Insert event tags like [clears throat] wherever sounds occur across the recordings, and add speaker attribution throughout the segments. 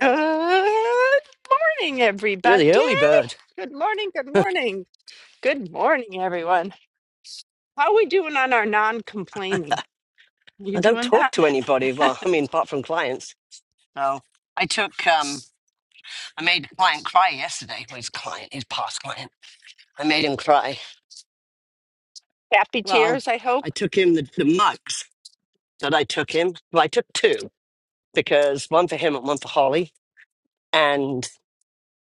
Speaker 1: Good morning,
Speaker 2: You're
Speaker 1: everybody.
Speaker 2: the early bird.
Speaker 1: Good morning, good
Speaker 2: [laughs]
Speaker 1: morning. Good morning, everyone. How are we doing on our non complaining? You
Speaker 2: I don't
Speaker 1: doing
Speaker 2: talk
Speaker 1: that?
Speaker 2: to anybody.
Speaker 1: [laughs]
Speaker 2: Well, I mean, apart from clients. So I took, um, I made a client cry yesterday. Well, his client, his past client. I made him cry.
Speaker 1: Happy
Speaker 2: Well,
Speaker 1: tears, I hope.
Speaker 2: I took him the, the mugs that I took him. Well, I took two because one for him and one for Holly. And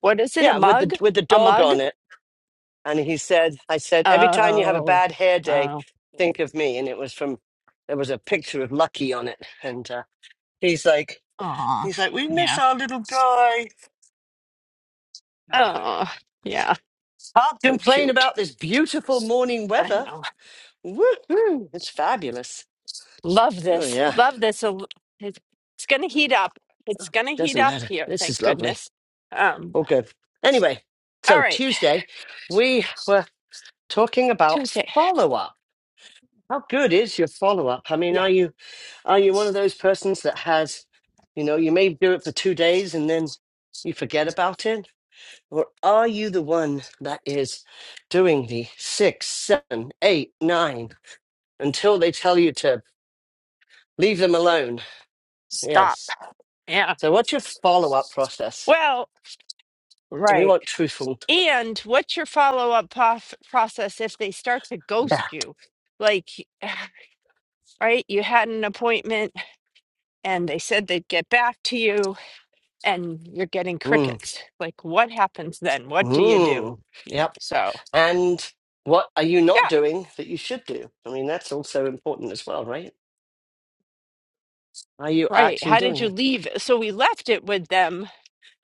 Speaker 1: What is it? A
Speaker 2: yeah, with the
Speaker 1: mug?
Speaker 2: with the
Speaker 1: A
Speaker 2: dog
Speaker 1: mug?
Speaker 2: on it. And he said, I said, every time you have a
Speaker 1: Oh,
Speaker 2: bad hair day,
Speaker 1: oh,
Speaker 2: think of me. And it was from, there was a picture of Lucky on it. And uh, he's like,
Speaker 1: aw,
Speaker 2: he's like, we miss
Speaker 1: yeah.
Speaker 2: our little guy Oh,
Speaker 1: Oh, yeah.
Speaker 2: Can't
Speaker 1: So
Speaker 2: complain
Speaker 1: cute.
Speaker 2: about this beautiful morning
Speaker 1: I
Speaker 2: weather.
Speaker 1: know.
Speaker 2: Woohoo! It's fabulous.
Speaker 1: Love
Speaker 2: Oh
Speaker 1: this.
Speaker 2: yeah,
Speaker 1: Love this. A- it- It's going to heat up. It's going to heat
Speaker 2: doesn't
Speaker 1: up
Speaker 2: matter.
Speaker 1: here.
Speaker 2: This is
Speaker 1: Thank
Speaker 2: lovely.
Speaker 1: goodness. Um,
Speaker 2: All good. Anyway,
Speaker 1: all
Speaker 2: so
Speaker 1: right.
Speaker 2: Tuesday we were talking about
Speaker 1: Tuesday.
Speaker 2: follow up. How good is your follow up? I mean,
Speaker 1: Yeah.
Speaker 2: are you are you one of those persons that has, you know, you may do it for two days and then you forget about it, or are you the one that is doing the six, seven, eight, nine until they tell you to? Leave them alone.
Speaker 1: Stop.
Speaker 2: Yes.
Speaker 1: Yeah.
Speaker 2: So what's your follow up process?
Speaker 1: Well,
Speaker 2: And we
Speaker 1: right.
Speaker 2: want truthful.
Speaker 1: And what's your follow up pof- process if they start to
Speaker 2: Yeah.
Speaker 1: ghost you? Like, [sighs] right, you had an appointment and they said they'd get back to you and you're getting
Speaker 2: Mm.
Speaker 1: crickets. Like, what happens then? What do you do?
Speaker 2: Mm. Yep.
Speaker 1: So,
Speaker 2: And what are you not
Speaker 1: yeah,
Speaker 2: doing that you should do? I mean, that's also important as well, right? Are you
Speaker 1: right.
Speaker 2: actually
Speaker 1: How
Speaker 2: doing
Speaker 1: did you
Speaker 2: it?
Speaker 1: leave? it? So, we left it with them.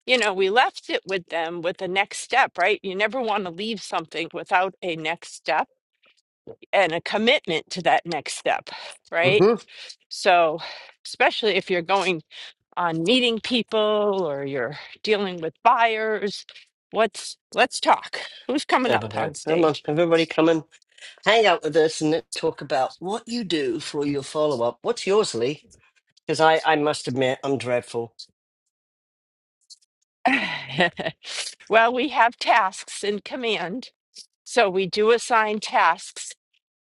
Speaker 1: You know, we left it with them with the next step, right? You never want to leave something without a next step and a commitment to that next step, right?
Speaker 2: Mm-hmm.
Speaker 1: So, especially if you're going on meeting people or you're dealing with buyers, what's let's talk. Who's coming
Speaker 2: There we
Speaker 1: up
Speaker 2: go.
Speaker 1: on
Speaker 2: Come on,
Speaker 1: stage?
Speaker 2: everybody come and hang out with us and let's talk about what you do for your follow up. What's yours, Lee? Because I, I must admit, I'm dreadful.
Speaker 1: [laughs] well, we have tasks in command. So we do assign tasks.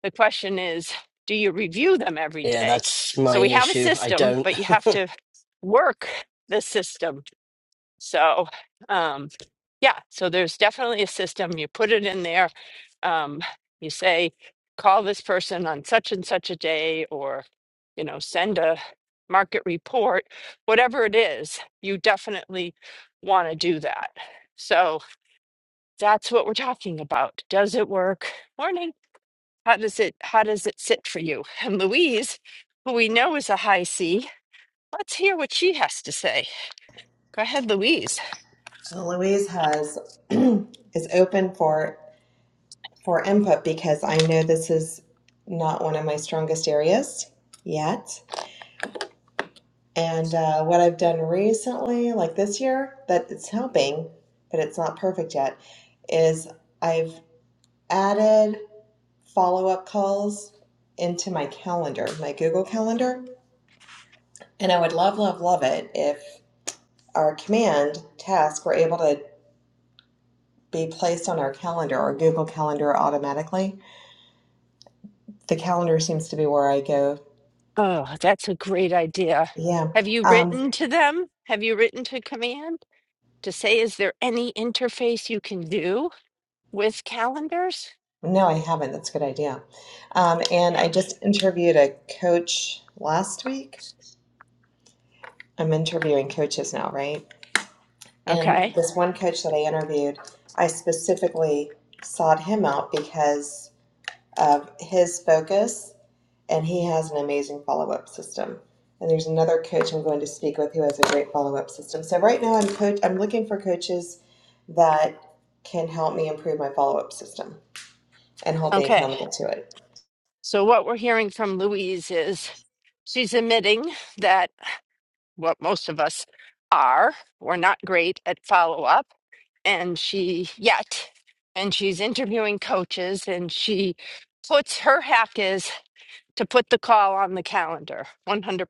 Speaker 1: The question is, do you review them every
Speaker 2: Yeah,
Speaker 1: day?
Speaker 2: that's my
Speaker 1: So we have a
Speaker 2: issue. I
Speaker 1: system,
Speaker 2: don't.
Speaker 1: but you have to work the system. So, um, Yeah, so there's definitely a system. You put it in there. Um, you say, call this person on such and such a day, or, you know, send a market report, whatever it is, you definitely want to do that. So that's what we're talking about. Does it work? Morning. How does it how does it sit for you? And Louise, who we know is a high C, let's hear what she has to say. Go ahead, Louise.
Speaker 3: Uh, Louise has [clears throat] is open for for input because I know this is not one of my strongest areas yet. And uh, what I've done recently, like this year, that it's helping, but it's not perfect yet, is I've added follow up calls into my calendar, my Google calendar. And I would love, love, love it if our command task were able to be placed on our calendar or Google Calendar automatically The calendar seems to be where I go.
Speaker 1: Oh, that's a great idea.
Speaker 3: Yeah.
Speaker 1: Have you
Speaker 3: Um,
Speaker 1: written to them? Have you written to command to say, is there any interface you can do with calendars?
Speaker 3: no, I haven't. That's a good idea. Um, and I just interviewed a coach last week. I'm interviewing coaches now, right? And
Speaker 1: Okay.
Speaker 3: this one coach that I interviewed, I specifically sought him out because of his focus, and he has an amazing follow up system. And there's another coach I'm going to speak with who has a great follow up system. So right now, I'm coach. I'm looking for coaches that can help me improve my follow up system and hold me
Speaker 1: Okay.
Speaker 3: accountable to it.
Speaker 1: So, what we're hearing from Louise is she's admitting that what most of us are, we're not great at follow up. And she, yet, and she's interviewing coaches and she puts her hack is to put the call on the calendar 100%.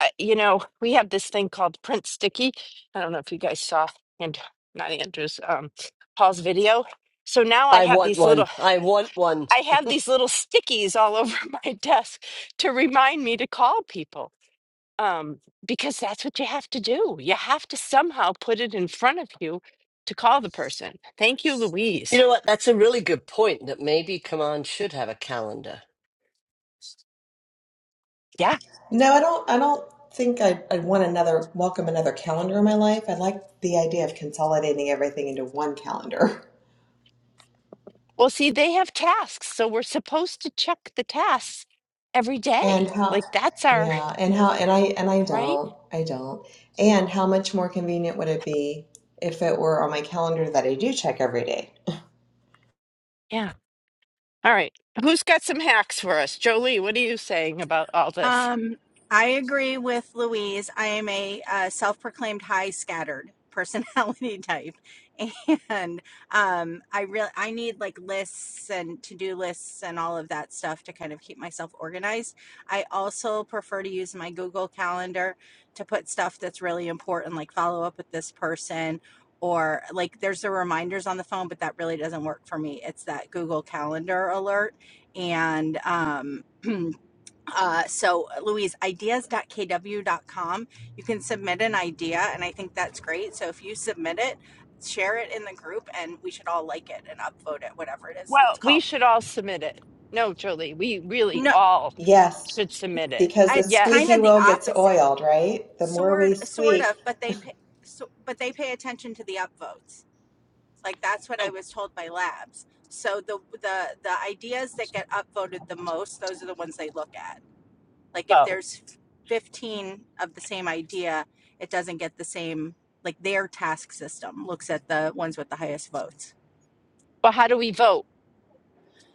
Speaker 1: I- you know, we have this thing called print sticky. I don't know if you guys saw and not Andrew's um Paul's video. So now
Speaker 2: [laughs]
Speaker 1: I
Speaker 2: I
Speaker 1: have
Speaker 2: want
Speaker 1: these
Speaker 2: one.
Speaker 1: little
Speaker 2: I want one.
Speaker 1: I have these little stickies all over [laughs] my desk to remind me to call people. Um because that's what you have to do. You have to somehow put it in front of you to call the person. Thank you,
Speaker 2: You
Speaker 1: Louise.
Speaker 2: know what? That's a really good point that maybe Command should have a calendar.
Speaker 1: Yeah.
Speaker 3: No, I don't. I don't think I, I want another welcome another calendar in my life. I like the idea of consolidating everything into one calendar. [laughs]
Speaker 1: Well, see, they have tasks, so we're supposed to check the tasks every day.
Speaker 3: And how?
Speaker 1: Like that's our
Speaker 3: Yeah, and how? And I and I
Speaker 1: right?
Speaker 3: don't. I don't. And how much more convenient would it be if it were on my calendar that I do check every day? [laughs]
Speaker 1: Yeah. All right. Who's got some hacks for us? Jolie, what are you saying about all this?
Speaker 4: Um, I agree with Louise. I am a uh, self-proclaimed high scattered personality [laughs] type, and um, I really I need like lists and to-do lists and all of that stuff to kind of keep myself organized. I also prefer to use my Google Calendar to put stuff that's really important, like follow up with this person. Or like, there's the reminders on the phone, but that really doesn't work for me. It's that Google Calendar alert, and um, [clears throat] Uh, so Louise, ideas kw. com. you can submit an idea, and I think that's great. So if you submit it, share it in the group, and we should all like it and upvote it, whatever it is
Speaker 1: Well,
Speaker 4: it's
Speaker 1: we
Speaker 4: called.
Speaker 1: should all submit it. No, Jolie, we really
Speaker 4: No,
Speaker 1: all
Speaker 3: Yes,
Speaker 1: should submit it.
Speaker 3: because the
Speaker 4: it's kind
Speaker 1: Yes.
Speaker 3: squeaky
Speaker 4: of the
Speaker 3: wheel gets
Speaker 4: opposite,
Speaker 3: oiled, right? The more
Speaker 4: sort
Speaker 3: we
Speaker 4: sort
Speaker 3: squeak,
Speaker 4: of, but they pay, so, but they pay attention to the upvotes. Like that's what I
Speaker 1: Oh.
Speaker 4: was told by labs. So the the the ideas that get upvoted the most, those are the ones they look at. Like if
Speaker 1: Go.
Speaker 4: there's 15 of the same idea, it doesn't get the same, like their task system looks at the ones with the highest votes.
Speaker 1: But how do we vote?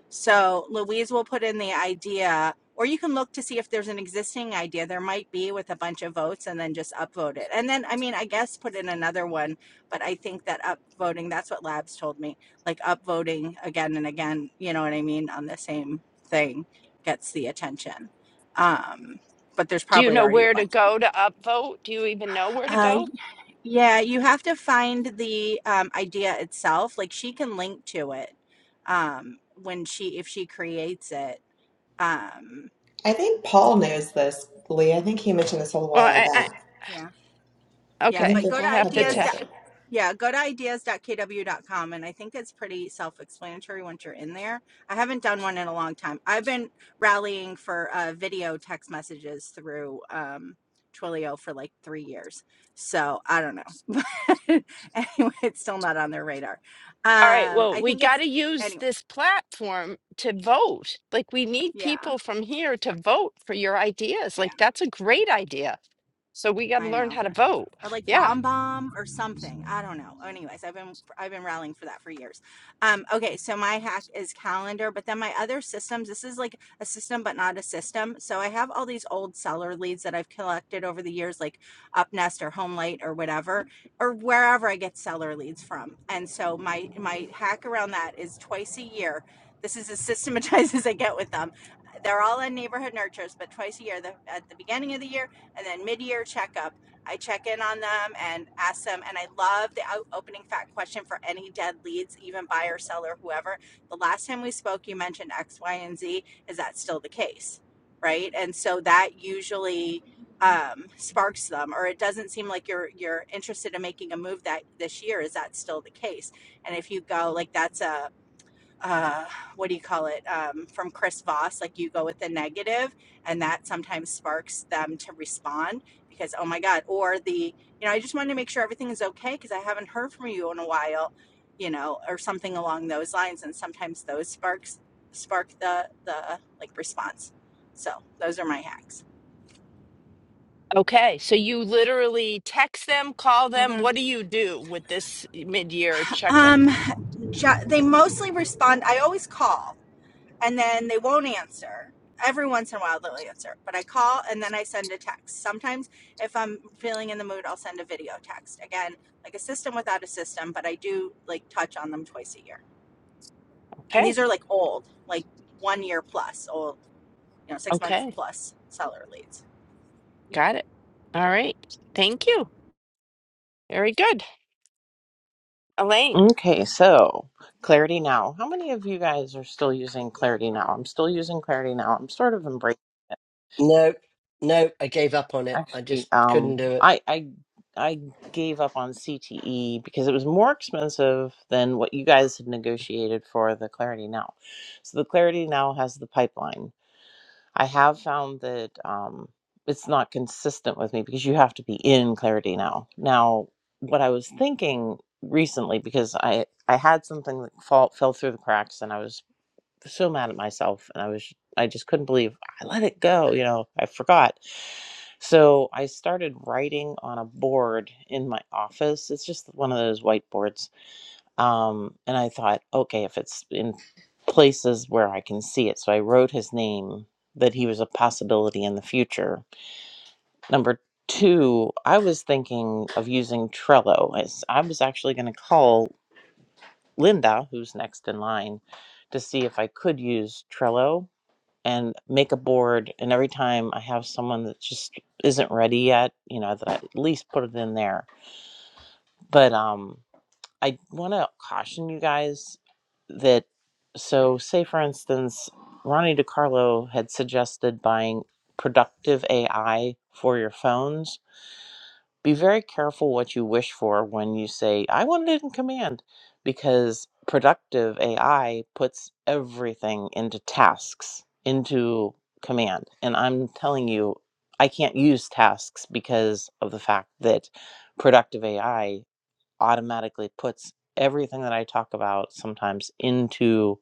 Speaker 4: So Louise will put in the idea, or you can look to see if there's an existing idea. There might be with a bunch of votes and then just upvote it. And then, I mean, I guess put in another one, but I think that upvoting, that's what Labs told me, like upvoting again and again, you know what I mean, on the same thing gets the attention. Um, but there's
Speaker 1: Do you
Speaker 4: probably
Speaker 1: know
Speaker 4: already a
Speaker 1: where to
Speaker 4: bunch in
Speaker 1: go to upvote? Do you even know where to
Speaker 4: Uh, y-
Speaker 1: go?
Speaker 4: yeah, you have to find the um, idea itself. Like she can link to it um, when she if she creates it. Um,
Speaker 3: I think Paul knows this, Lee. I think he mentioned this a
Speaker 1: Well,
Speaker 3: while
Speaker 1: I, I
Speaker 3: back.
Speaker 4: yeah.
Speaker 3: I
Speaker 4: Yeah,
Speaker 1: okay,
Speaker 3: think
Speaker 4: but
Speaker 3: your
Speaker 4: go to
Speaker 1: we'll have to
Speaker 3: hubby
Speaker 4: ideas.
Speaker 1: check.
Speaker 3: knows it.
Speaker 4: dot- Yeah, go to ideas.kw.com. And I think it's pretty self explanatory once you're in there. I haven't done one in a long time. I've been rallying for uh, video text messages through um, Twilio for like three years. So I don't know. [laughs] But anyway, it's still not on their radar.
Speaker 1: All right,
Speaker 4: Um,
Speaker 1: well,
Speaker 4: I
Speaker 1: we
Speaker 4: think
Speaker 1: got
Speaker 4: it's,
Speaker 1: to use
Speaker 4: anyways,
Speaker 1: this platform to vote. Like, we need
Speaker 4: yeah.
Speaker 1: people from here to vote for your ideas.
Speaker 4: yeah.
Speaker 1: Like, that's a great idea. So, we got to
Speaker 4: I
Speaker 1: learn
Speaker 4: know.
Speaker 1: how to vote.
Speaker 4: Or like
Speaker 1: Yeah.
Speaker 4: bomb bomb or something. I don't know. Anyways, I've been I've been rallying for that for years. Um, okay, so my hack is calendar, but then my other systems, this is like a system but not a system. So I have all these old seller leads that I've collected over the years, like Upnest or Homelight or whatever, or wherever I get seller leads from. And so my my hack around that is twice a year. This is as systematized [laughs] as I get with them. They're all in neighborhood nurtures, but twice a year, the, at the beginning of the year and then mid-year checkup i check in on them and ask them and i love the opening fact question for any dead leads even buyer seller whoever the last time we spoke you mentioned x y and z is that still the case right and so that usually um, sparks them or it doesn't seem like you're you're interested in making a move that this year is that still the case and if you go like that's a uh what do you call it um from chris voss like you go with the negative and that sometimes sparks them to respond because oh my god or the you know i just wanted to make sure everything is okay because i haven't heard from you in a while you know or something along those lines and sometimes those sparks spark the the like response so those are my hacks
Speaker 1: Okay, so you literally text them, call them.
Speaker 4: hmm
Speaker 1: What do you do with this mid-year check-in?
Speaker 4: um ju- they mostly respond i always call and then they won't answer. Every once in a while, they'll answer, but I call and then I send a text. Sometimes, if I'm feeling in the mood, I'll send a video text. Again, like a system without a system, but I do like touch on them twice a year. And
Speaker 1: Okay,
Speaker 4: these are like old, like one year plus old, you know, six months
Speaker 1: okay,
Speaker 4: plus seller leads.
Speaker 1: got it. All right, thank you. Very good, Elaine.
Speaker 5: Okay, so Clarity Now. How many of you guys are still using Clarity Now? I'm still using Clarity Now. I'm sort of embracing
Speaker 2: No, no, I gave up on it. I
Speaker 5: actually
Speaker 2: just couldn't
Speaker 5: um
Speaker 2: do it.
Speaker 5: I I I gave up on CTE because it was more expensive than what you guys had negotiated for the Clarity Now. So the Clarity Now has the pipeline. I have found that um, it's not consistent with me because you have to be in clarity now. Now, what I was thinking recently, because I I had something that fall, fell through the cracks, and I was so mad at myself, and I was I just couldn't believe I let it go. You know, I forgot. So I started writing on a board in my office. It's just one of those whiteboards um, and I thought, okay, if it's in places where I can see it. So I wrote his name that he was a possibility in the future. Number two, I was thinking of using Trello. As I was actually going to call Linda, who's next in line, to see if I could use Trello and make a board. And every time I have someone that just isn't ready yet, you know, that I at least put it in there. But um, I want to caution you guys that, so say for instance, Ronnie DiCarlo had suggested buying productive AI for your phones. Be very careful what you wish for when you say, I want it in command, because productive AI puts everything into tasks, into command. And I'm telling you, I can't use tasks because of the fact that productive AI automatically puts everything that I talk about sometimes into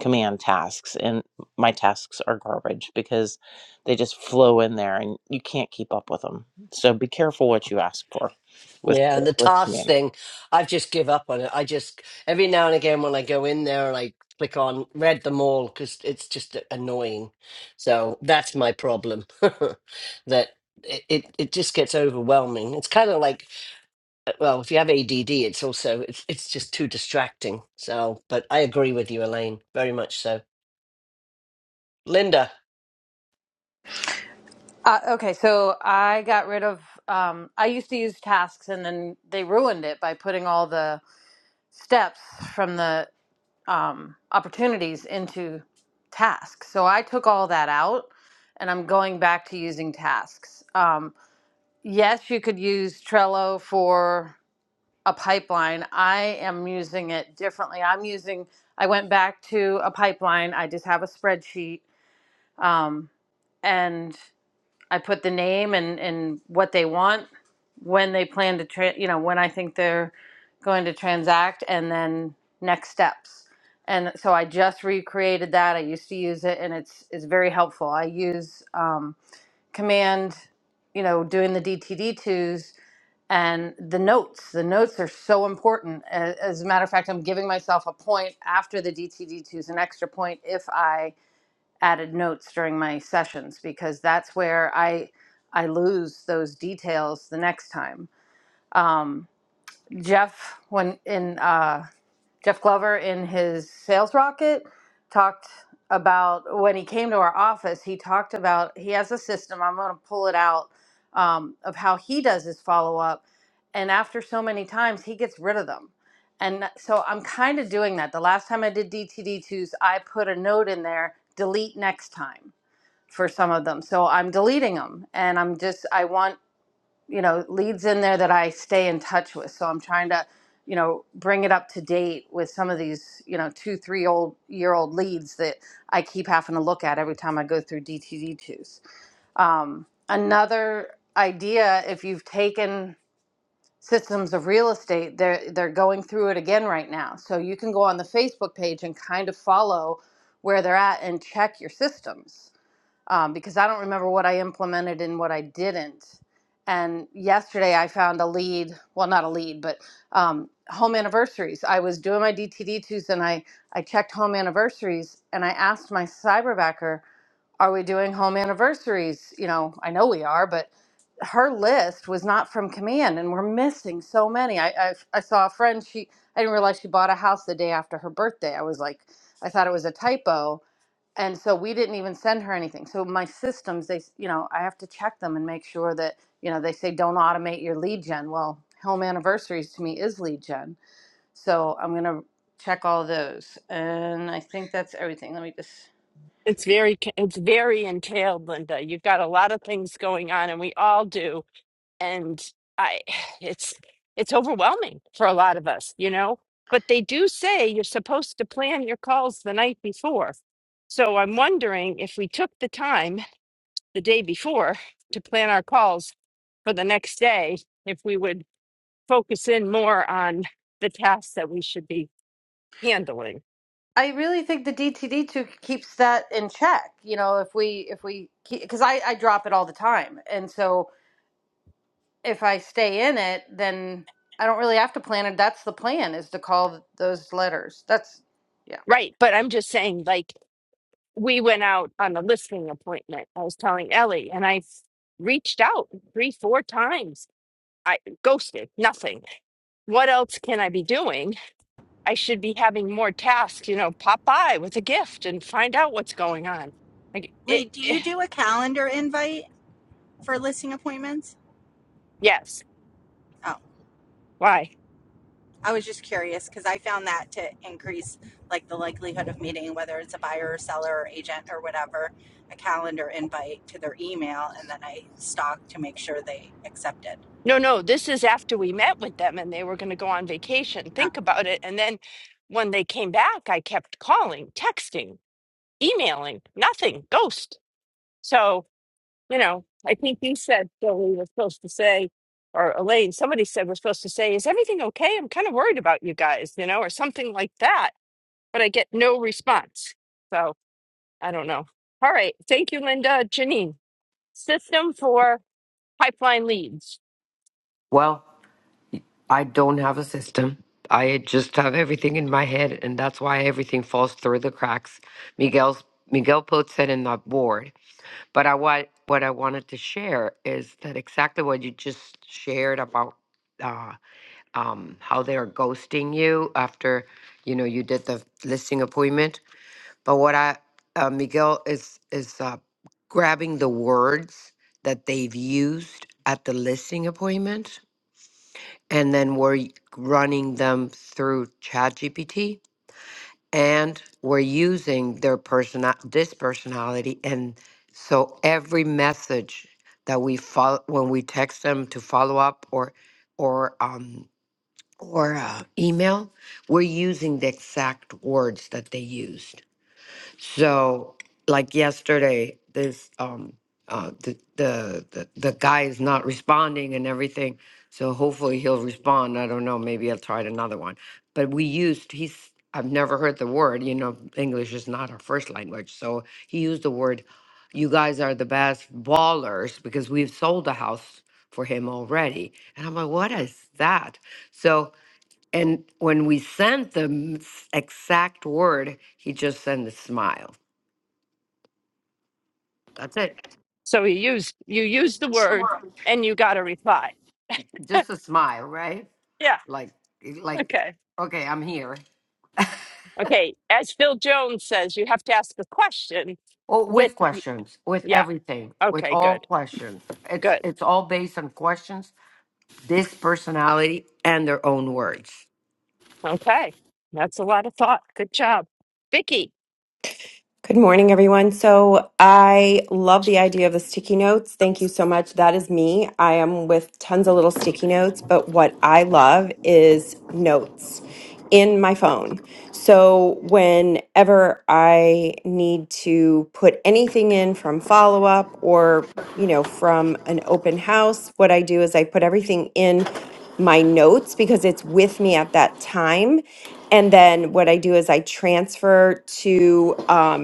Speaker 5: command tasks and my tasks are garbage because they just flow in there and you can't keep up with them. So be careful what you ask for with
Speaker 2: Yeah, and the
Speaker 5: with
Speaker 2: tasks
Speaker 5: command.
Speaker 2: thing, I've just give up on it. I just every now and again when I go in there and I like, click on read them all because it's just annoying. So that's my problem. [laughs] that it, it it just gets overwhelming. It's kind of like uh, well, if you have ADD, it's also it's it's just too distracting. So, but I agree with you, Elaine, very much so. Linda.
Speaker 6: Uh, okay, so I got rid of. Um, I used to use tasks, and then they ruined it by putting all the steps from the um, opportunities into tasks. So I took all that out, and I'm going back to using tasks. Um, yes, you could use Trello for a pipeline. I am using it differently. I'm using. I went back to a pipeline. I just have a spreadsheet, um, and I put the name and, and what they want, when they plan to, tra- you know, when I think they're going to transact, and then next steps. And so I just recreated that. I used to use it, and it's it's very helpful. I use um, command, you know, doing the DTD twos and the notes. The notes are so important. A- As a matter of fact, I'm giving myself a point after the DTD twos, an extra point if I added notes during my sessions because that's where I I lose those details the next time. Um, Jeff when in uh, Jeff Glover in his sales rocket talked about when he came to our office. He talked about he has a system. I'm going to pull it out um, of how he does his follow up, and after so many times, he gets rid of them. And that- so I'm kind of doing that. The last time I did DTD2s, I put a note in there, delete next time for some of them. So I'm deleting them and I'm just, I want, you know, leads in there that I stay in touch with. So I'm trying to, you know, bring it up to date with some of these, you know, two, three old year old leads that I keep having to look at every time I go through DTD2s. Um, another idea, if you've taken systems of real estate, they're, they're going through it again right now. So you can go on the Facebook page and kind of follow where they're at and check your systems um, because I don't remember what I implemented and what I didn't. And yesterday I found a lead, well, not a lead, but um, home anniversaries. I was doing my DTD Tuesday and I, I checked home anniversaries and I asked my cyberbacker, are we doing home anniversaries? You know, I know we are, but her list was not from command and we're missing so many. I, I, I saw a friend, she, I didn't realize she bought a house the day after her birthday. I was like, I thought it was a typo and so we didn't even send her anything so my systems they you know i have to check them and make sure that you know they say don't automate your lead gen well home anniversaries to me is lead gen so i'm going to check all those and i think that's everything let me just
Speaker 1: It's very it's very entailed, Linda. You've got a lot of things going on, and we all do. And I, [sighs] it's it's overwhelming for a lot of us, you know. But they do say you're supposed to plan your calls the night before. So I'm wondering if we took the time. the day before to plan our calls for the next day if we would focus in more on the tasks that we should be handling.
Speaker 6: i really think the dtd2 keeps that in check you know if we if we because I, I drop it all the time and so if i stay in it then i don't really have to plan it that's the plan is to call those letters that's yeah.
Speaker 1: Right. But I'm just saying, like, we went out on a listening appointment. I was telling Ellie, and I reached out three, four times. I ghosted, nothing. What else can I be doing? I should be having more tasks, you know, pop by with a gift and find out what's going on. Like, it,
Speaker 4: Lee, do
Speaker 1: it
Speaker 4: you do a calendar invite for listing appointments?
Speaker 1: [sighs] yes.
Speaker 4: Oh.
Speaker 1: Why?
Speaker 4: I was just curious because I found that to increase like the likelihood of meeting, whether it's a buyer or seller or agent or whatever, a calendar invite to their email, and then I stalk to make sure they accepted.
Speaker 1: No, no, this is after we met with them and they were going to go on vacation. Think about it. And then when they came back, I kept calling, texting, emailing, nothing, ghost. So, you know, I think you said, Billy, was supposed to say, or Elaine, somebody said, we're supposed to say, is everything okay? I'm kind of worried about you guys, you know, or something like that. But I get no response. So I don't know. All right. Thank you, Linda. Janine, system for pipeline leads.
Speaker 7: Well, I don't have a system. I just have everything in my head, and that's why everything falls through the cracks. Miguel's Miguel puts it in the board. But I what what I wanted to share is that exactly what you just shared about uh, um, how they are ghosting you after you know you did the listing appointment. But what I uh, Miguel is is uh, grabbing the words that they've used at the listing appointment and then we're y- running them through ChatGPT and we're using their person this personality and so every message that we follow when we text them to follow up or or um or uh, email we're using the exact words that they used so, like yesterday, this um uh the the the, the guy is not responding and everything. So hopefully he'll respond. I don't know. Maybe I'll try another one. But we used he's I've never heard the word. You know, English is not our first language. So he used the word. You guys are the best ballers because we've sold a house for him already. And I'm like, what is that? So and when we sent the m- s- exact word, he just sent a smile. That's it.
Speaker 1: So you used you used the word and you got a reply. [laughs]
Speaker 7: Just a smile, right?
Speaker 1: Yeah.
Speaker 7: Like, eh, like,
Speaker 1: Okay.
Speaker 7: okay, I'm here. [laughs]
Speaker 1: Okay. As Phil Jones says, you have to ask a question
Speaker 7: Oh,
Speaker 1: with
Speaker 7: with questions, with
Speaker 1: yeah.
Speaker 7: everything, with
Speaker 1: Okay,
Speaker 7: all
Speaker 1: good.
Speaker 7: questions. It's
Speaker 1: Good.
Speaker 7: it's all based on questions, this personality, and their own words.
Speaker 1: Okay. That's a lot of thought. Good job. Vicky,
Speaker 8: Good morning, everyone. So I love the idea of the sticky notes. Thank you so much. That is me. I am with tons of little sticky notes, but what I love is notes in my phone. So whenever I need to put anything in from follow up or, you know, from an open house, what I do is I put everything in my notes because it's with me at that time. And then what I do is I transfer to, um,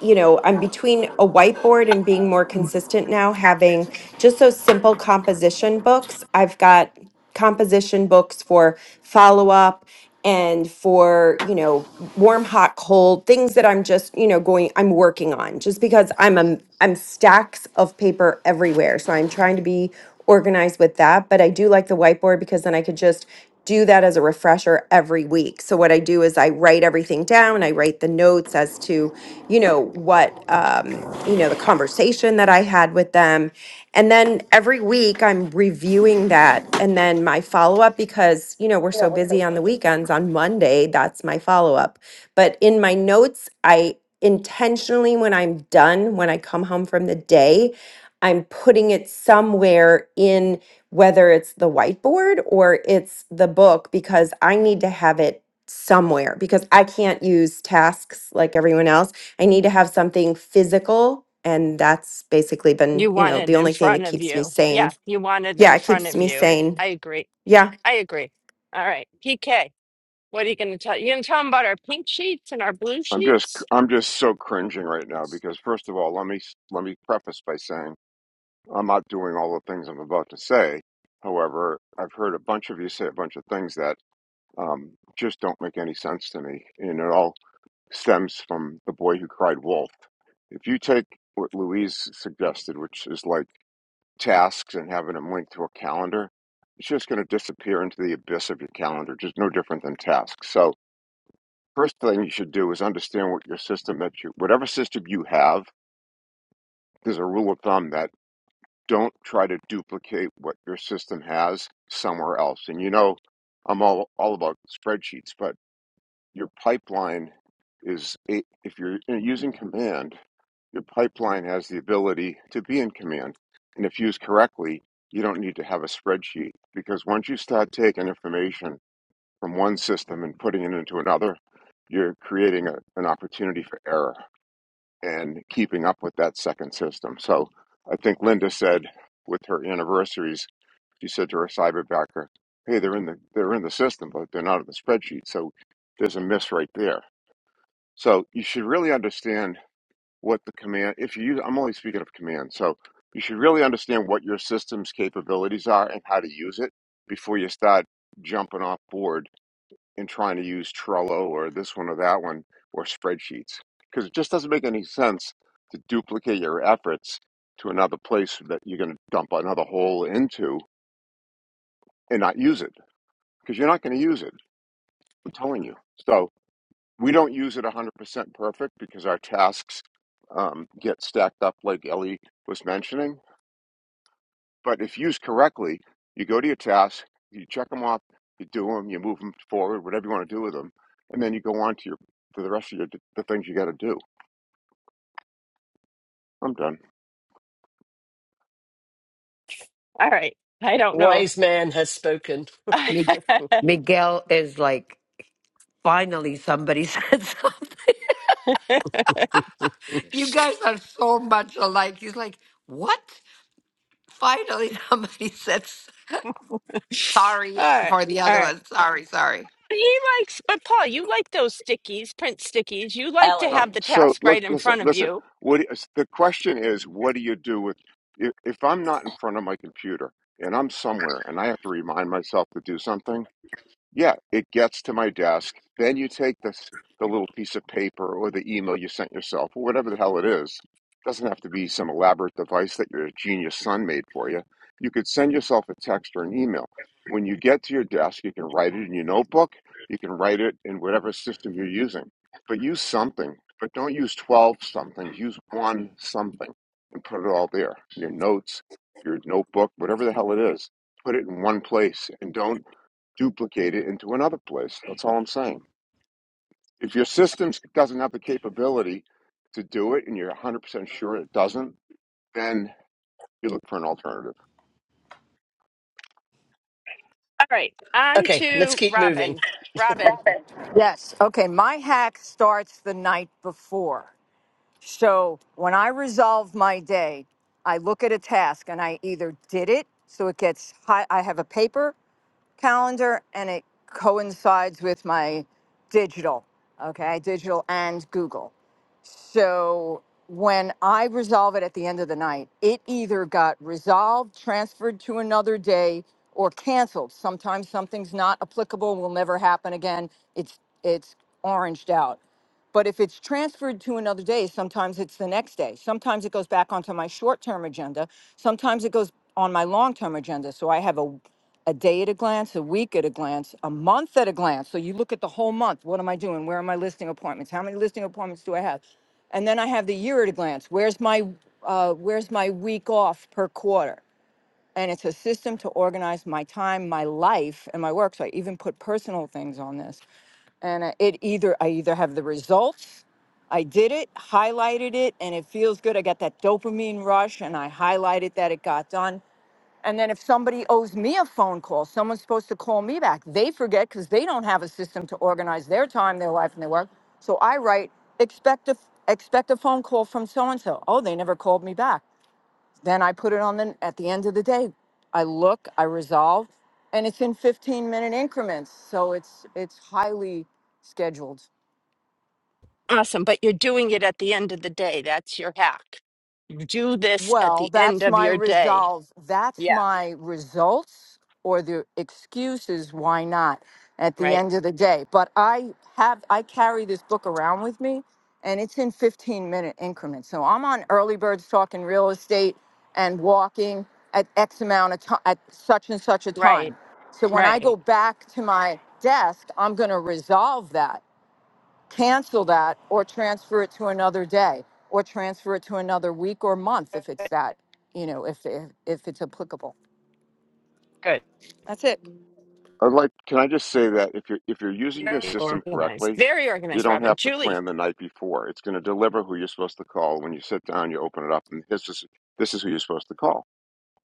Speaker 8: you know, I'm between a whiteboard and being more consistent now, having just those simple composition books. I've got composition books for follow up and for, you know, warm, hot, cold, things that I'm just, you know, going, I'm working on just because I'm, a, I'm stacks of paper everywhere. So I'm trying to be organized with that. But I do like the whiteboard because then I could just do that as a refresher every week. So what I do is I write everything down. I write the notes as to, you know what um you know the conversation that i had with them and then every week i'm reviewing that and then my follow up because you know we're so busy on the weekends on monday that's my follow up but in my notes i intentionally when i'm done when i come home from the day i'm putting it somewhere in whether it's the whiteboard or it's the book because i need to have it somewhere because I can't use tasks like everyone else. I need to have something physical. And that's basically been,
Speaker 1: you
Speaker 8: you
Speaker 1: want
Speaker 8: know,
Speaker 1: it
Speaker 8: the
Speaker 1: in
Speaker 8: only thing
Speaker 1: front
Speaker 8: that
Speaker 1: of
Speaker 8: keeps me
Speaker 1: you. Yeah,
Speaker 8: sane.
Speaker 1: you want it
Speaker 8: Yeah,
Speaker 1: in
Speaker 8: it
Speaker 1: front
Speaker 8: keeps
Speaker 1: of
Speaker 8: me
Speaker 1: you.
Speaker 8: sane.
Speaker 1: I agree.
Speaker 8: Yeah.
Speaker 1: I agree. All right. PK, what are you gonna tell you gonna tell them about our pink sheets and our blue
Speaker 9: I'm just
Speaker 1: sheets?
Speaker 9: I'm just so cringing right now because first of all, let me let me preface by saying I'm not doing all the things I'm about to say. However, I've heard a bunch of you say a bunch of things that um, just don't make any sense to me, and it all stems from the boy who cried wolf. If you take what Louise suggested, which is like tasks and having them linked to a calendar, it's just going to disappear into the abyss of your calendar, just no different than tasks. So First thing you should do is understand what your system that you, whatever system you have, there's a rule of thumb that don't try to duplicate what your system has somewhere else. And you know, I'm all, all about spreadsheets, but your pipeline is, a- if you're using command, your pipeline has the ability to be in command. And if used correctly, you don't need to have a spreadsheet because once you start taking information from one system and putting it into another, you're creating a, an opportunity for error. and keeping up with that second system. So I think Linda said with her anniversaries, she said to her cyberbacker, "Hey, they're in the they're in the system, but they're not in the spreadsheet." So there's a miss right there. So you should really understand what the command. If you use, I'm only speaking of command, so you should really understand what your system's capabilities are and how to use it before you start jumping off board in trying to use Trello or this one or that one or spreadsheets because it just doesn't make any sense to duplicate your efforts to another place that you're going to dump another hole into and not use it because you're not going to use it. I'm telling you. So we don't use it 100% perfect because our tasks um, get stacked up, like Ellie was mentioning But if used correctly, you go to your tasks, you check them off, you do them, you move them forward, whatever you want to do with them, and then you go on to your to the rest of your the things you got to do. I'm done.
Speaker 1: All right. I don't know.
Speaker 2: Wise man has spoken.
Speaker 1: [laughs] All
Speaker 7: Mig-
Speaker 1: right.
Speaker 7: Miguel is like, finally somebody [laughs] said something. you guys are so much alike. He's like, what? Finally somebody [laughs] said s- sorry
Speaker 1: All
Speaker 7: for the other
Speaker 1: right.
Speaker 7: one. Sorry, sorry.
Speaker 1: He likes, but Paul, you like those stickies, print stickies. You like to
Speaker 9: No,
Speaker 10: Ellie.
Speaker 1: have the
Speaker 9: so
Speaker 1: task
Speaker 9: let's
Speaker 1: right in
Speaker 9: listen,
Speaker 1: front of
Speaker 9: listen.
Speaker 1: you.
Speaker 9: What is, the question is? What do you do with if, if I'm not in front of my computer and I'm somewhere and I have to remind myself to do something? Yeah, it gets to my desk. Then you take this the little piece of paper or the email you sent yourself or whatever the hell it is. Doesn't have to be some elaborate device that your genius son made for you. You could send yourself a text or an email. When you get to your desk, you can write it in your notebook. You can write it in whatever system you're using. But use something. But don't use 12 somethings. Use one something and put it all there. Your notes, your notebook, whatever the hell it is. Put it in one place and don't duplicate it into another place. That's all I'm saying. If your system doesn't have the capability to do it and you're 100% sure it doesn't, then you look for an alternative.
Speaker 1: All right, on
Speaker 2: Okay, let's
Speaker 1: to
Speaker 2: keep moving.
Speaker 1: Robin. Robin,
Speaker 11: Yes. Okay. My hack starts the night before. So when I resolve my day, I look at a task and I either did it, so it gets high. I have a paper calendar and it coincides with my digital. Okay. Digital and Google. So when I resolve it at the end of the night, it either got resolved, transferred to another day, or canceled. Sometimes something's not applicable, will never happen again. It's it's oranged out. But if it's transferred to another day, sometimes it's the next day. Sometimes it goes back onto my short-term agenda. Sometimes it goes on my long-term agenda. So I have a a day at a glance, a week at a glance, a month at a glance. So you look at the whole month. What am I doing? Where are my listing appointments? How many listing appointments do I have? And then I have the year at a glance. Where's my uh, where's my week off per quarter? And it's a system to organize my time, my life, and my work. So I even put personal things on this. And uh, it either I either have the results, I did it, highlighted it, and it feels good. I got that dopamine rush, and I highlighted that it got done and then if somebody owes me a phone call, someone's supposed to call me back. They forget because they don't have a system to organize their time, their life, and their work. So I write, expect a expect a phone call from so and so. Oh, they never called me back. Then I put it on the at the end of the day. I look, I resolve, and it's in 15 minute increments. So it's it's highly scheduled.
Speaker 1: awesome. But you're doing it at the end of the day. That's your hack. You do this at
Speaker 11: Well,
Speaker 1: the end
Speaker 11: that's
Speaker 1: of
Speaker 11: my
Speaker 1: your day.
Speaker 11: resolve. That's
Speaker 1: Yeah,
Speaker 11: my results or the excuses why not at the
Speaker 1: right,
Speaker 11: end of the day. But I have I carry this book around with me and it's in 15 minute increments. So I'm on early birds talking real estate and walking at X amount of time at such and such a
Speaker 1: right,
Speaker 11: time. So when I go
Speaker 1: right.
Speaker 11: back to my desk, I'm going to resolve that cancel that or transfer it to another day or transfer it to another week or month if
Speaker 1: Good.
Speaker 11: it's that, you know, if, if, if it's applicable.
Speaker 1: good.
Speaker 11: That's it.
Speaker 9: I'd like can I just say that if you're if you're using your
Speaker 1: Very
Speaker 9: system
Speaker 1: organized.
Speaker 9: correctly,
Speaker 1: Very
Speaker 9: you
Speaker 1: organized,
Speaker 9: don't
Speaker 1: Robin.
Speaker 9: have to
Speaker 1: Julie.
Speaker 9: plan the night before. It's going to deliver who you're supposed to call when you sit down, you open it up and this is this is who you're supposed to call.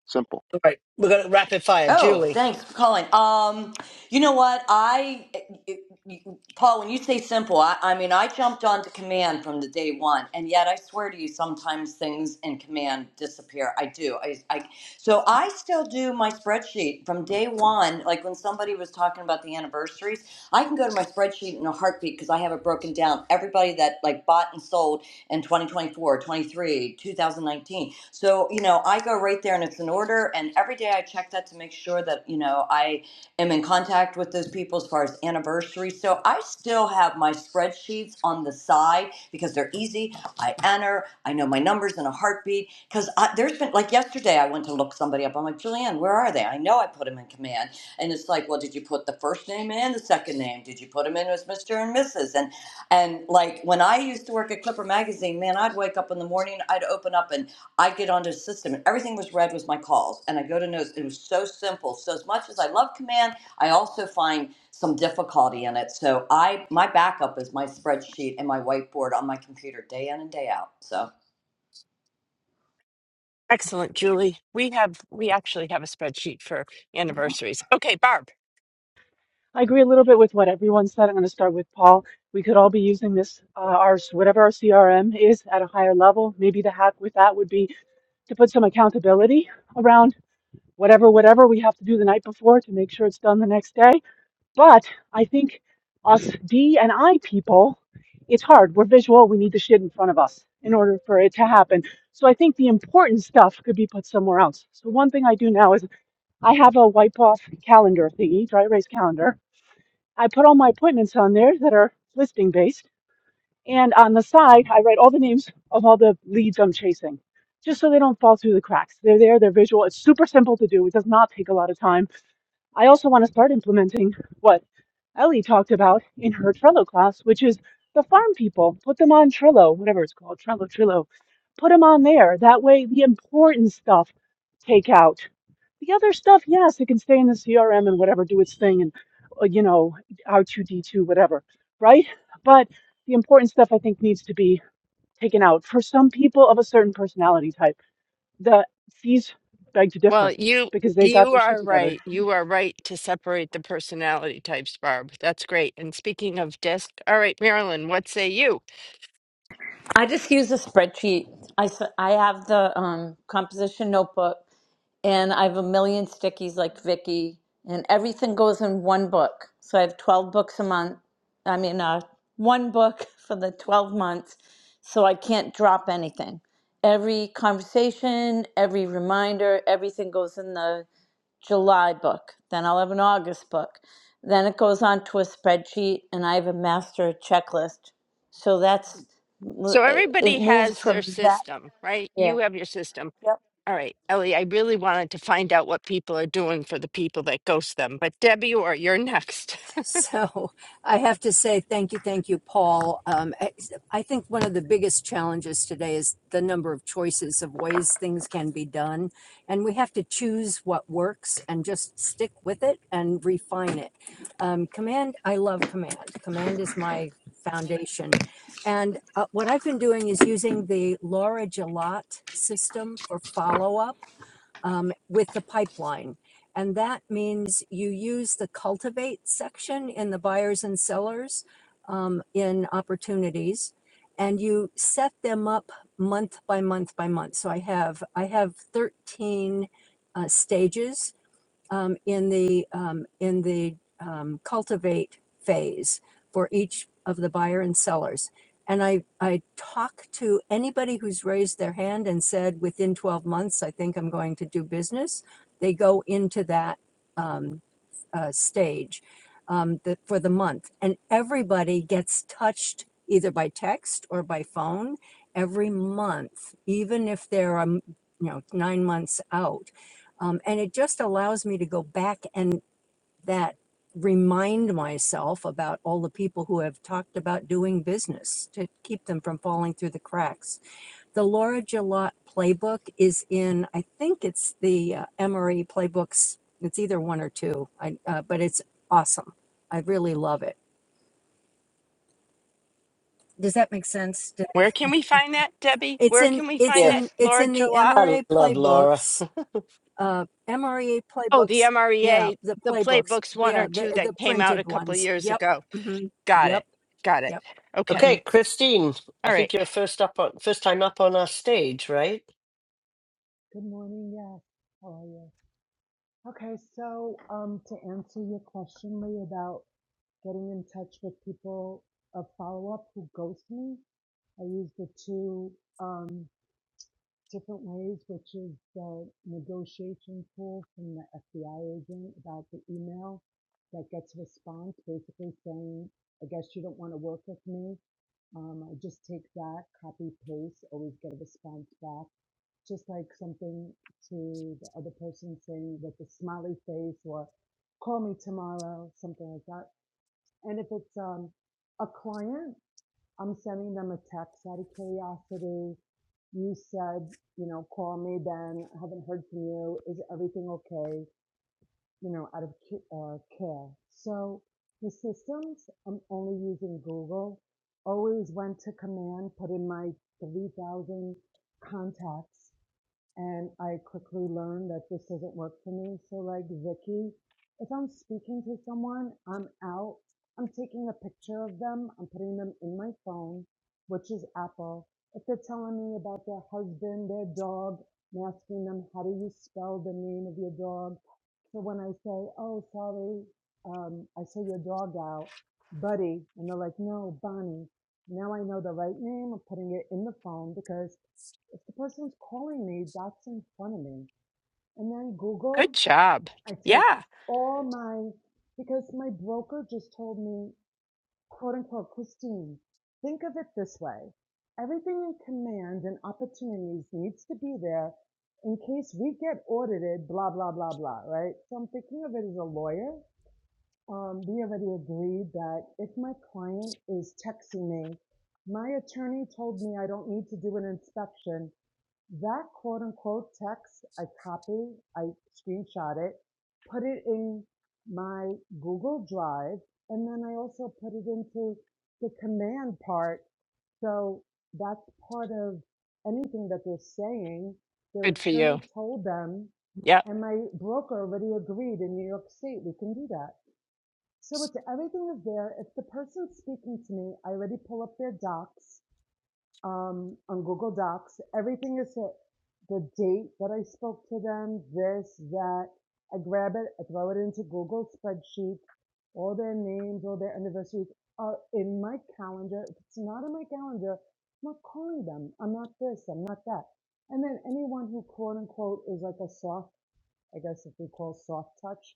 Speaker 9: Simple.
Speaker 2: All right, we're going to rapid fire.
Speaker 10: Oh,
Speaker 2: Julie.
Speaker 10: thanks for calling. Um, you know what? I, eh, eh, eh, Paul, when you say simple, I, I mean, I jumped onto command from the day one, and yet I swear to you, sometimes things in command disappear. I do. I, I, so I still do my spreadsheet from day one. Like when somebody was talking about the anniversaries, I can go to my spreadsheet in a heartbeat because I have it broken down. Everybody that like bought and sold and 2024, 23, 2019. So, you know, I go right there and it's an order. And every day I check that to make sure that, you know, I am in contact with those people as far as anniversaries. So I still have my spreadsheets on the side because they're easy. I enter, I know my numbers in a heartbeat. Because there's been, like yesterday, I went to look somebody up. I'm like, Julianne, where are they? I know I put them in command. And it's like, well, did you put the first name in, the second name? Did you put them in as Mr. and Mrs.? And and like when I used to work at Clipper Magazine, man, I'd wake up in the morning, I'd open up and I'd get onto the system and everything was red was my calls. And I go to notes. It was so simple. So as much as I love command, I also find some difficulty in it. So I my backup is my spreadsheet and my whiteboard on my computer day in and day out. So
Speaker 1: Excellent, Julie. We have we actually have a spreadsheet for anniversaries. Okay, Barb.
Speaker 12: I agree a little bit with what everyone said. I'm going to start with Paul. We could all be using this, uh, our whatever our CRM is at a higher level. Maybe the hack with that would be to put some accountability around whatever whatever we have to do the night before to make sure it's done the next day. But I think us D and I people, it's hard. We're visual. We need the shit in front of us in order for it to happen. So I think the important stuff could be put somewhere else. So one thing I do now is I have a wipe off calendar thingy, dry erase calendar I put all my appointments on there that are listing based. And on the side, I write all the names of all the leads I'm chasing just so they don't fall through the cracks. They're there, they're visual. It's super simple to do, it does not take a lot of time. I also want to start implementing what Ellie talked about in her Trello class, which is the farm people. Put them on Trello, whatever it's called, Trello, Trello. Put them on there. That way, the important stuff take out. The other stuff, yes, it can stay in the CRM and whatever, do its thing, and uh, you know, R2D2, whatever, right? But the important stuff I think needs to be taken out. For some people of a certain personality type, the C's beg to
Speaker 1: Well,
Speaker 12: differ
Speaker 1: you
Speaker 12: because they got
Speaker 1: you
Speaker 12: their shit
Speaker 1: are
Speaker 12: together.
Speaker 1: right. You are right to separate the personality types, Barb. That's great. And speaking of disc, all right, Marilyn, what say you?
Speaker 13: I just use a spreadsheet. I, s- I have the um, composition notebook and I have a million stickies like Vicky, and everything goes in one book. So I have 12 books a month. I mean, uh, one book [laughs] for the 12 months. So I can't drop anything. Every conversation, every reminder, everything goes in the July book, then I'll have an August book. Then it goes on to a spreadsheet, and I have a master checklist. So that's
Speaker 1: So
Speaker 13: it. It
Speaker 1: everybody
Speaker 13: moves
Speaker 1: has their
Speaker 13: from that.
Speaker 1: system, right?
Speaker 13: Yeah.
Speaker 1: You have your system.
Speaker 13: Yep.
Speaker 1: All right, Ellie, I really wanted to find out what people are doing for the people that ghost them. But Debbie, or you're next.
Speaker 14: So I have to say thank you, thank you, Paul. Um, I, I think one of the biggest challenges today is the number of choices of ways things can be done. And we have to choose what works and just stick with it and refine it. Um, command, I love command. Command is my foundation. And uh, what I've been doing is using the Laura Gelat system for follow up um, with the pipeline. And that means you use the cultivate section in the buyers and sellers um, in opportunities and you set them up month by month by month. So I have, I have 13 uh, stages um, in the, um, in the um, cultivate phase for each of the buyer and sellers. And I, I talk to anybody who's raised their hand and said, within 12 months, I think I'm going to do business. They go into that um, uh, stage um, the, for the month. And everybody gets touched either by text or by phone every month, even if they're, um, you know, nine months out. Um, and it just allows me to go back and that remind myself about all the people who have talked about doing business to keep them from falling through the cracks the Laura Gillot playbook is in, I think it's the uh, Emory playbooks. It's either one or two, I, uh, but it's awesome. I really love it. Does that make sense? Did-
Speaker 1: [laughs] Where can we find that, Debbie?
Speaker 14: It's
Speaker 1: Where
Speaker 14: in,
Speaker 1: can we
Speaker 14: it's
Speaker 1: find
Speaker 2: Yeah,
Speaker 1: that,
Speaker 14: in, it's
Speaker 1: Laura
Speaker 14: in the
Speaker 1: Gillot?
Speaker 2: I
Speaker 14: Emory
Speaker 2: love Laura.
Speaker 14: playbooks, uh, Emory
Speaker 1: Oh, the
Speaker 14: playbooks. Yeah,
Speaker 1: MREA,
Speaker 14: the
Speaker 1: the
Speaker 14: playbooks.
Speaker 1: playbooks one
Speaker 14: Yeah,
Speaker 1: or
Speaker 14: the
Speaker 1: two that
Speaker 14: the
Speaker 1: came out a
Speaker 14: printed
Speaker 1: couple of
Speaker 14: ones.
Speaker 1: years
Speaker 14: Yep.
Speaker 1: ago.
Speaker 14: hmm
Speaker 1: Got it.
Speaker 14: Yep.
Speaker 1: Got it.
Speaker 14: Yep. hmm
Speaker 1: Okay.
Speaker 2: Okay, Christine, I
Speaker 1: All right.
Speaker 2: think you're first up on first time up on our stage, right?
Speaker 15: Good morning. Yes. How are you? Okay. So, um, to answer your question, Lee, about getting in touch with people of follow up who ghost me, I use the two. Um, different ways, which is the negotiation tool from the FBI agent about the email that gets a response basically saying, I guess you don't want to work with me. Um, I just take that, copy, paste, always get a response back. Just like something to the other person saying with a smiley face or call me tomorrow, something like that. And if it's um, a client, I'm sending them a text out of curiosity. You said, you know, call me then. I haven't heard from you. Is everything okay? You know, out of uh, care. So the systems, I'm only using Google. Always went to command, put in my 3,000 contacts and I quickly learned that this doesn't work for me. So like Vicky, if I'm speaking to someone, I'm out, I'm taking a picture of them, I'm putting them in my phone, which is Apple. If they're telling me about their husband, their dog, I'm asking them how do you spell the name of your dog. So when I say, oh sorry, um, I saw your dog out, buddy, and they're like, no, Bonnie. Now I know the right name. I'm putting it in the phone because if the person's calling me, that's in front of me. And then
Speaker 1: Good
Speaker 15: Google,
Speaker 1: job.
Speaker 15: I take
Speaker 1: Yeah.
Speaker 15: all my, because my broker just told me, quote unquote, Christine, think of it this way. Everything in command and opportunities needs to be there in case we get audited, blah, blah, blah, blah, right? So I'm thinking of it as a lawyer. Um, we already agreed that if my client is texting me, my attorney told me I don't need to do an inspection that quote unquote text, I copy, I screenshot it, put it in my Google Drive, and then I also put it into the command part. So that's part of anything that they're saying. Their
Speaker 1: Good for you.
Speaker 15: attorney told them,
Speaker 1: Yep.
Speaker 15: and my broker already agreed in New York State, we can do that. So it's everything is there. If the person's speaking to me, I already pull up their docs um, on Google Docs. Everything is it. The date that I spoke to them, this, that. I grab it, I throw it into Google spreadsheet. All their names, all their anniversaries are in my calendar. If it's not in my calendar, I'm not calling them. I'm not this, I'm not that. And then anyone who quote unquote is like a soft, I guess if we call soft touch,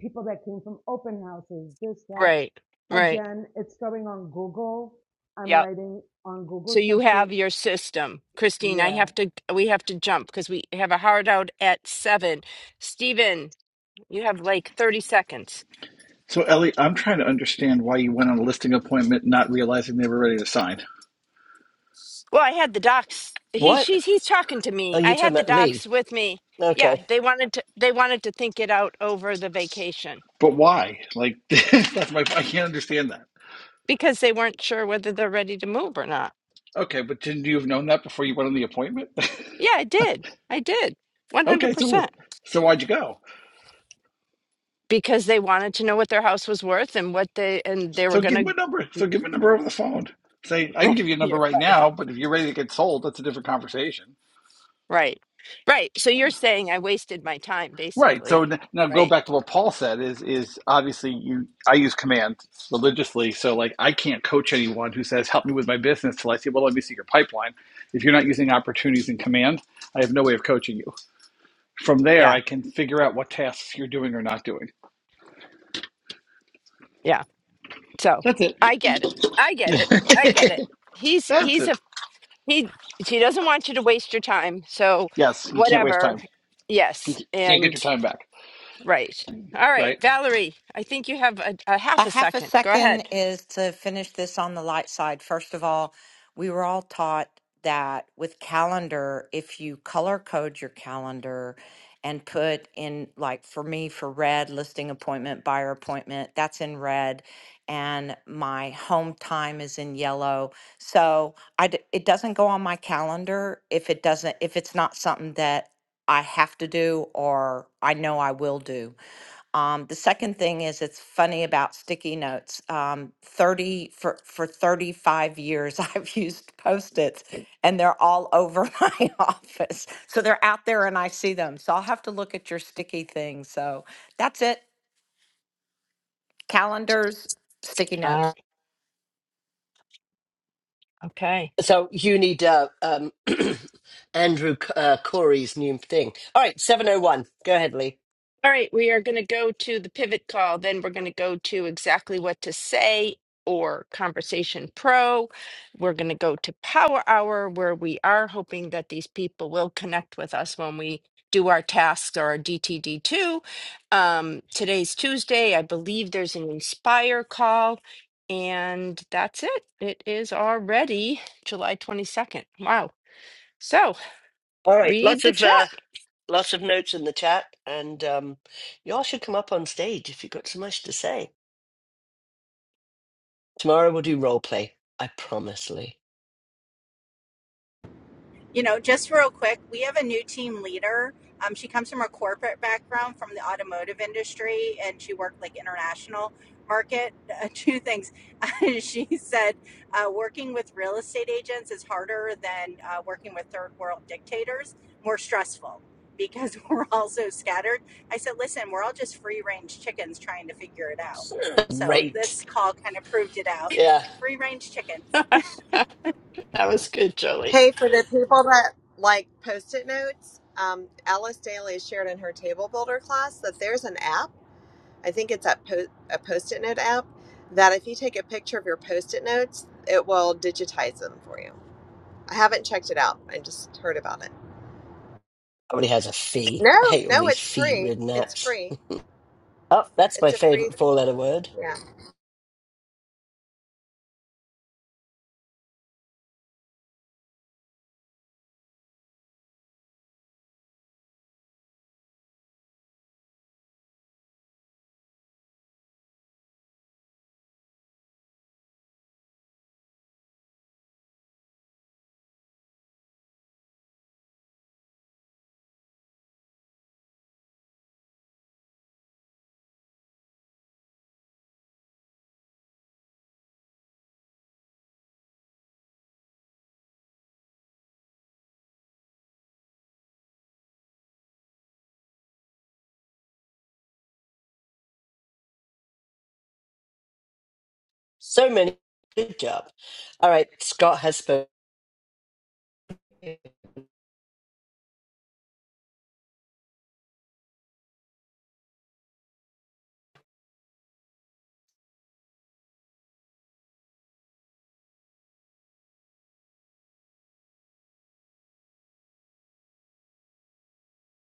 Speaker 15: people that came from open houses, this, that.
Speaker 1: Right. Right.
Speaker 15: Again, it's going on Google. I'm
Speaker 1: Yep.
Speaker 15: writing on Google
Speaker 1: So you
Speaker 15: spreadsheet
Speaker 1: have your system. Christine, I
Speaker 15: yeah.
Speaker 1: have to, we have to jump because we have a hard out at seven. Stephen, you have like 30 seconds.
Speaker 16: So, Ellie, I'm trying to understand why you went on a listing appointment not realizing they were ready to sign.
Speaker 1: Well, I had the docs. He,
Speaker 2: What?
Speaker 1: she's, he's talking to
Speaker 2: Oh,
Speaker 1: me.
Speaker 2: you
Speaker 1: I had
Speaker 2: talking
Speaker 1: the
Speaker 2: about Lee?
Speaker 1: docs with me.
Speaker 2: Okay,
Speaker 1: Yeah. They wanted to, they wanted to think it out over the vacation
Speaker 16: But why? Like, [laughs] that's my, I can't understand that.
Speaker 1: because they weren't sure whether they're ready to move or not.
Speaker 16: Okay, but didn't you have known that before you went on the appointment?
Speaker 1: Yeah, I did. I did.
Speaker 16: [laughs] okay, so
Speaker 1: 100%.
Speaker 16: so why'd you go?
Speaker 1: because they wanted to know what their house was worth and what they and they were
Speaker 16: So give
Speaker 1: gonna
Speaker 16: me a number. So give me a number over the phone. Say, I can give you a
Speaker 1: [laughs]
Speaker 16: number
Speaker 1: you're
Speaker 16: right
Speaker 1: funny
Speaker 16: now, but if you're ready to get sold, that's a different conversation.
Speaker 1: right right so you're saying i wasted my time
Speaker 16: Right. So
Speaker 1: basically
Speaker 16: n- now go
Speaker 1: right
Speaker 16: back to what Paul said is is obviously you I use command religiously, so like I can't coach anyone who says help me with my business till I say, well, let me see your pipeline. If you're not using opportunities in command, I have no way of coaching you. From there,
Speaker 1: yeah
Speaker 16: I can figure out what tasks you're doing or not doing.
Speaker 1: yeah so
Speaker 16: That's it.
Speaker 1: i get it i get it i get
Speaker 16: [laughs]
Speaker 1: it he's
Speaker 16: That's
Speaker 1: he's a
Speaker 16: it.
Speaker 1: he he doesn't want you to waste your time so
Speaker 16: Yes, you can't waste
Speaker 1: whatever
Speaker 16: time. You
Speaker 1: yes
Speaker 16: c- can't get your
Speaker 1: and
Speaker 16: time back,
Speaker 1: right all right
Speaker 16: right?
Speaker 1: valerie i think you have a, a
Speaker 17: A
Speaker 1: half a
Speaker 17: half a
Speaker 1: second go
Speaker 17: second
Speaker 1: ahead
Speaker 17: is to finish this on the light side. First of all, we were all taught that with calendar, if you color code your calendar and put in, like for me, for red, listing appointment, buyer appointment, that's in red, and my home time is in yellow. So I d it doesn't go on my calendar if it doesn't, if it's not something that I have to do or I know I will do. Um, the second thing is it's funny about sticky notes. Um, 30 for, for 35 years, [laughs] I've used Post-its and they're all over [laughs] my office. So they're out there and I see them. So I'll have to look at your sticky thing. So that's it. Calendars, sticky notes.
Speaker 1: uh, okay
Speaker 2: so you need uh, um, [clears throat] Andrew uh, Corey's new thing. All right, seven oh one. Go ahead, Lee.
Speaker 1: All right, we are going to go to the pivot call. Then we're going to go to exactly what to say or Conversation Pro. We're going to go to Power Hour, where we are hoping that these people will connect with us when we do our tasks or our DTD2. Um, today's Tuesday. I believe there's an Inspire call. And that's it. It is already July 22nd. Wow. So
Speaker 2: All right,
Speaker 1: read
Speaker 2: lots
Speaker 1: the
Speaker 2: of uh,
Speaker 1: chat.
Speaker 2: lots of notes in the chat, and um, y'all should come up on stage if you've got so much to say. Tomorrow we'll do role play. I promise, Lee.
Speaker 4: You know, just real quick, we have a new team leader. Um, she comes from a corporate background from the automotive industry, and she worked like international market. Uh, two things, [laughs] she said, uh, working with real estate agents is harder than uh, working with third world dictators, more stressful because [laughs] we're all so scattered. I said, listen, we're all just free range chickens trying to figure it out.
Speaker 2: [laughs]
Speaker 4: So
Speaker 2: Great.
Speaker 4: this call kind of proved it out.
Speaker 2: Yeah.
Speaker 4: Free range
Speaker 1: [laughs]
Speaker 4: chickens.
Speaker 1: that was good, Jolie.
Speaker 3: Hey, for the people that like post-it notes, um, Alice Daly shared in her table builder class that there's an app. I think it's a, po- a post-it note app that if you take a picture of your post-it notes, it will digitize them for you. I haven't checked it out. I just heard about it.
Speaker 2: Everybody has a fee.
Speaker 3: No,
Speaker 2: I hate all
Speaker 3: no,
Speaker 2: these
Speaker 3: it's free.
Speaker 2: fee-ridden
Speaker 3: It's
Speaker 2: apps.
Speaker 3: free.
Speaker 2: Oh, that's my
Speaker 3: It's a free.
Speaker 2: favorite four-letter word.
Speaker 3: yeah.
Speaker 2: So many. Good job. All right, Scott has spoken.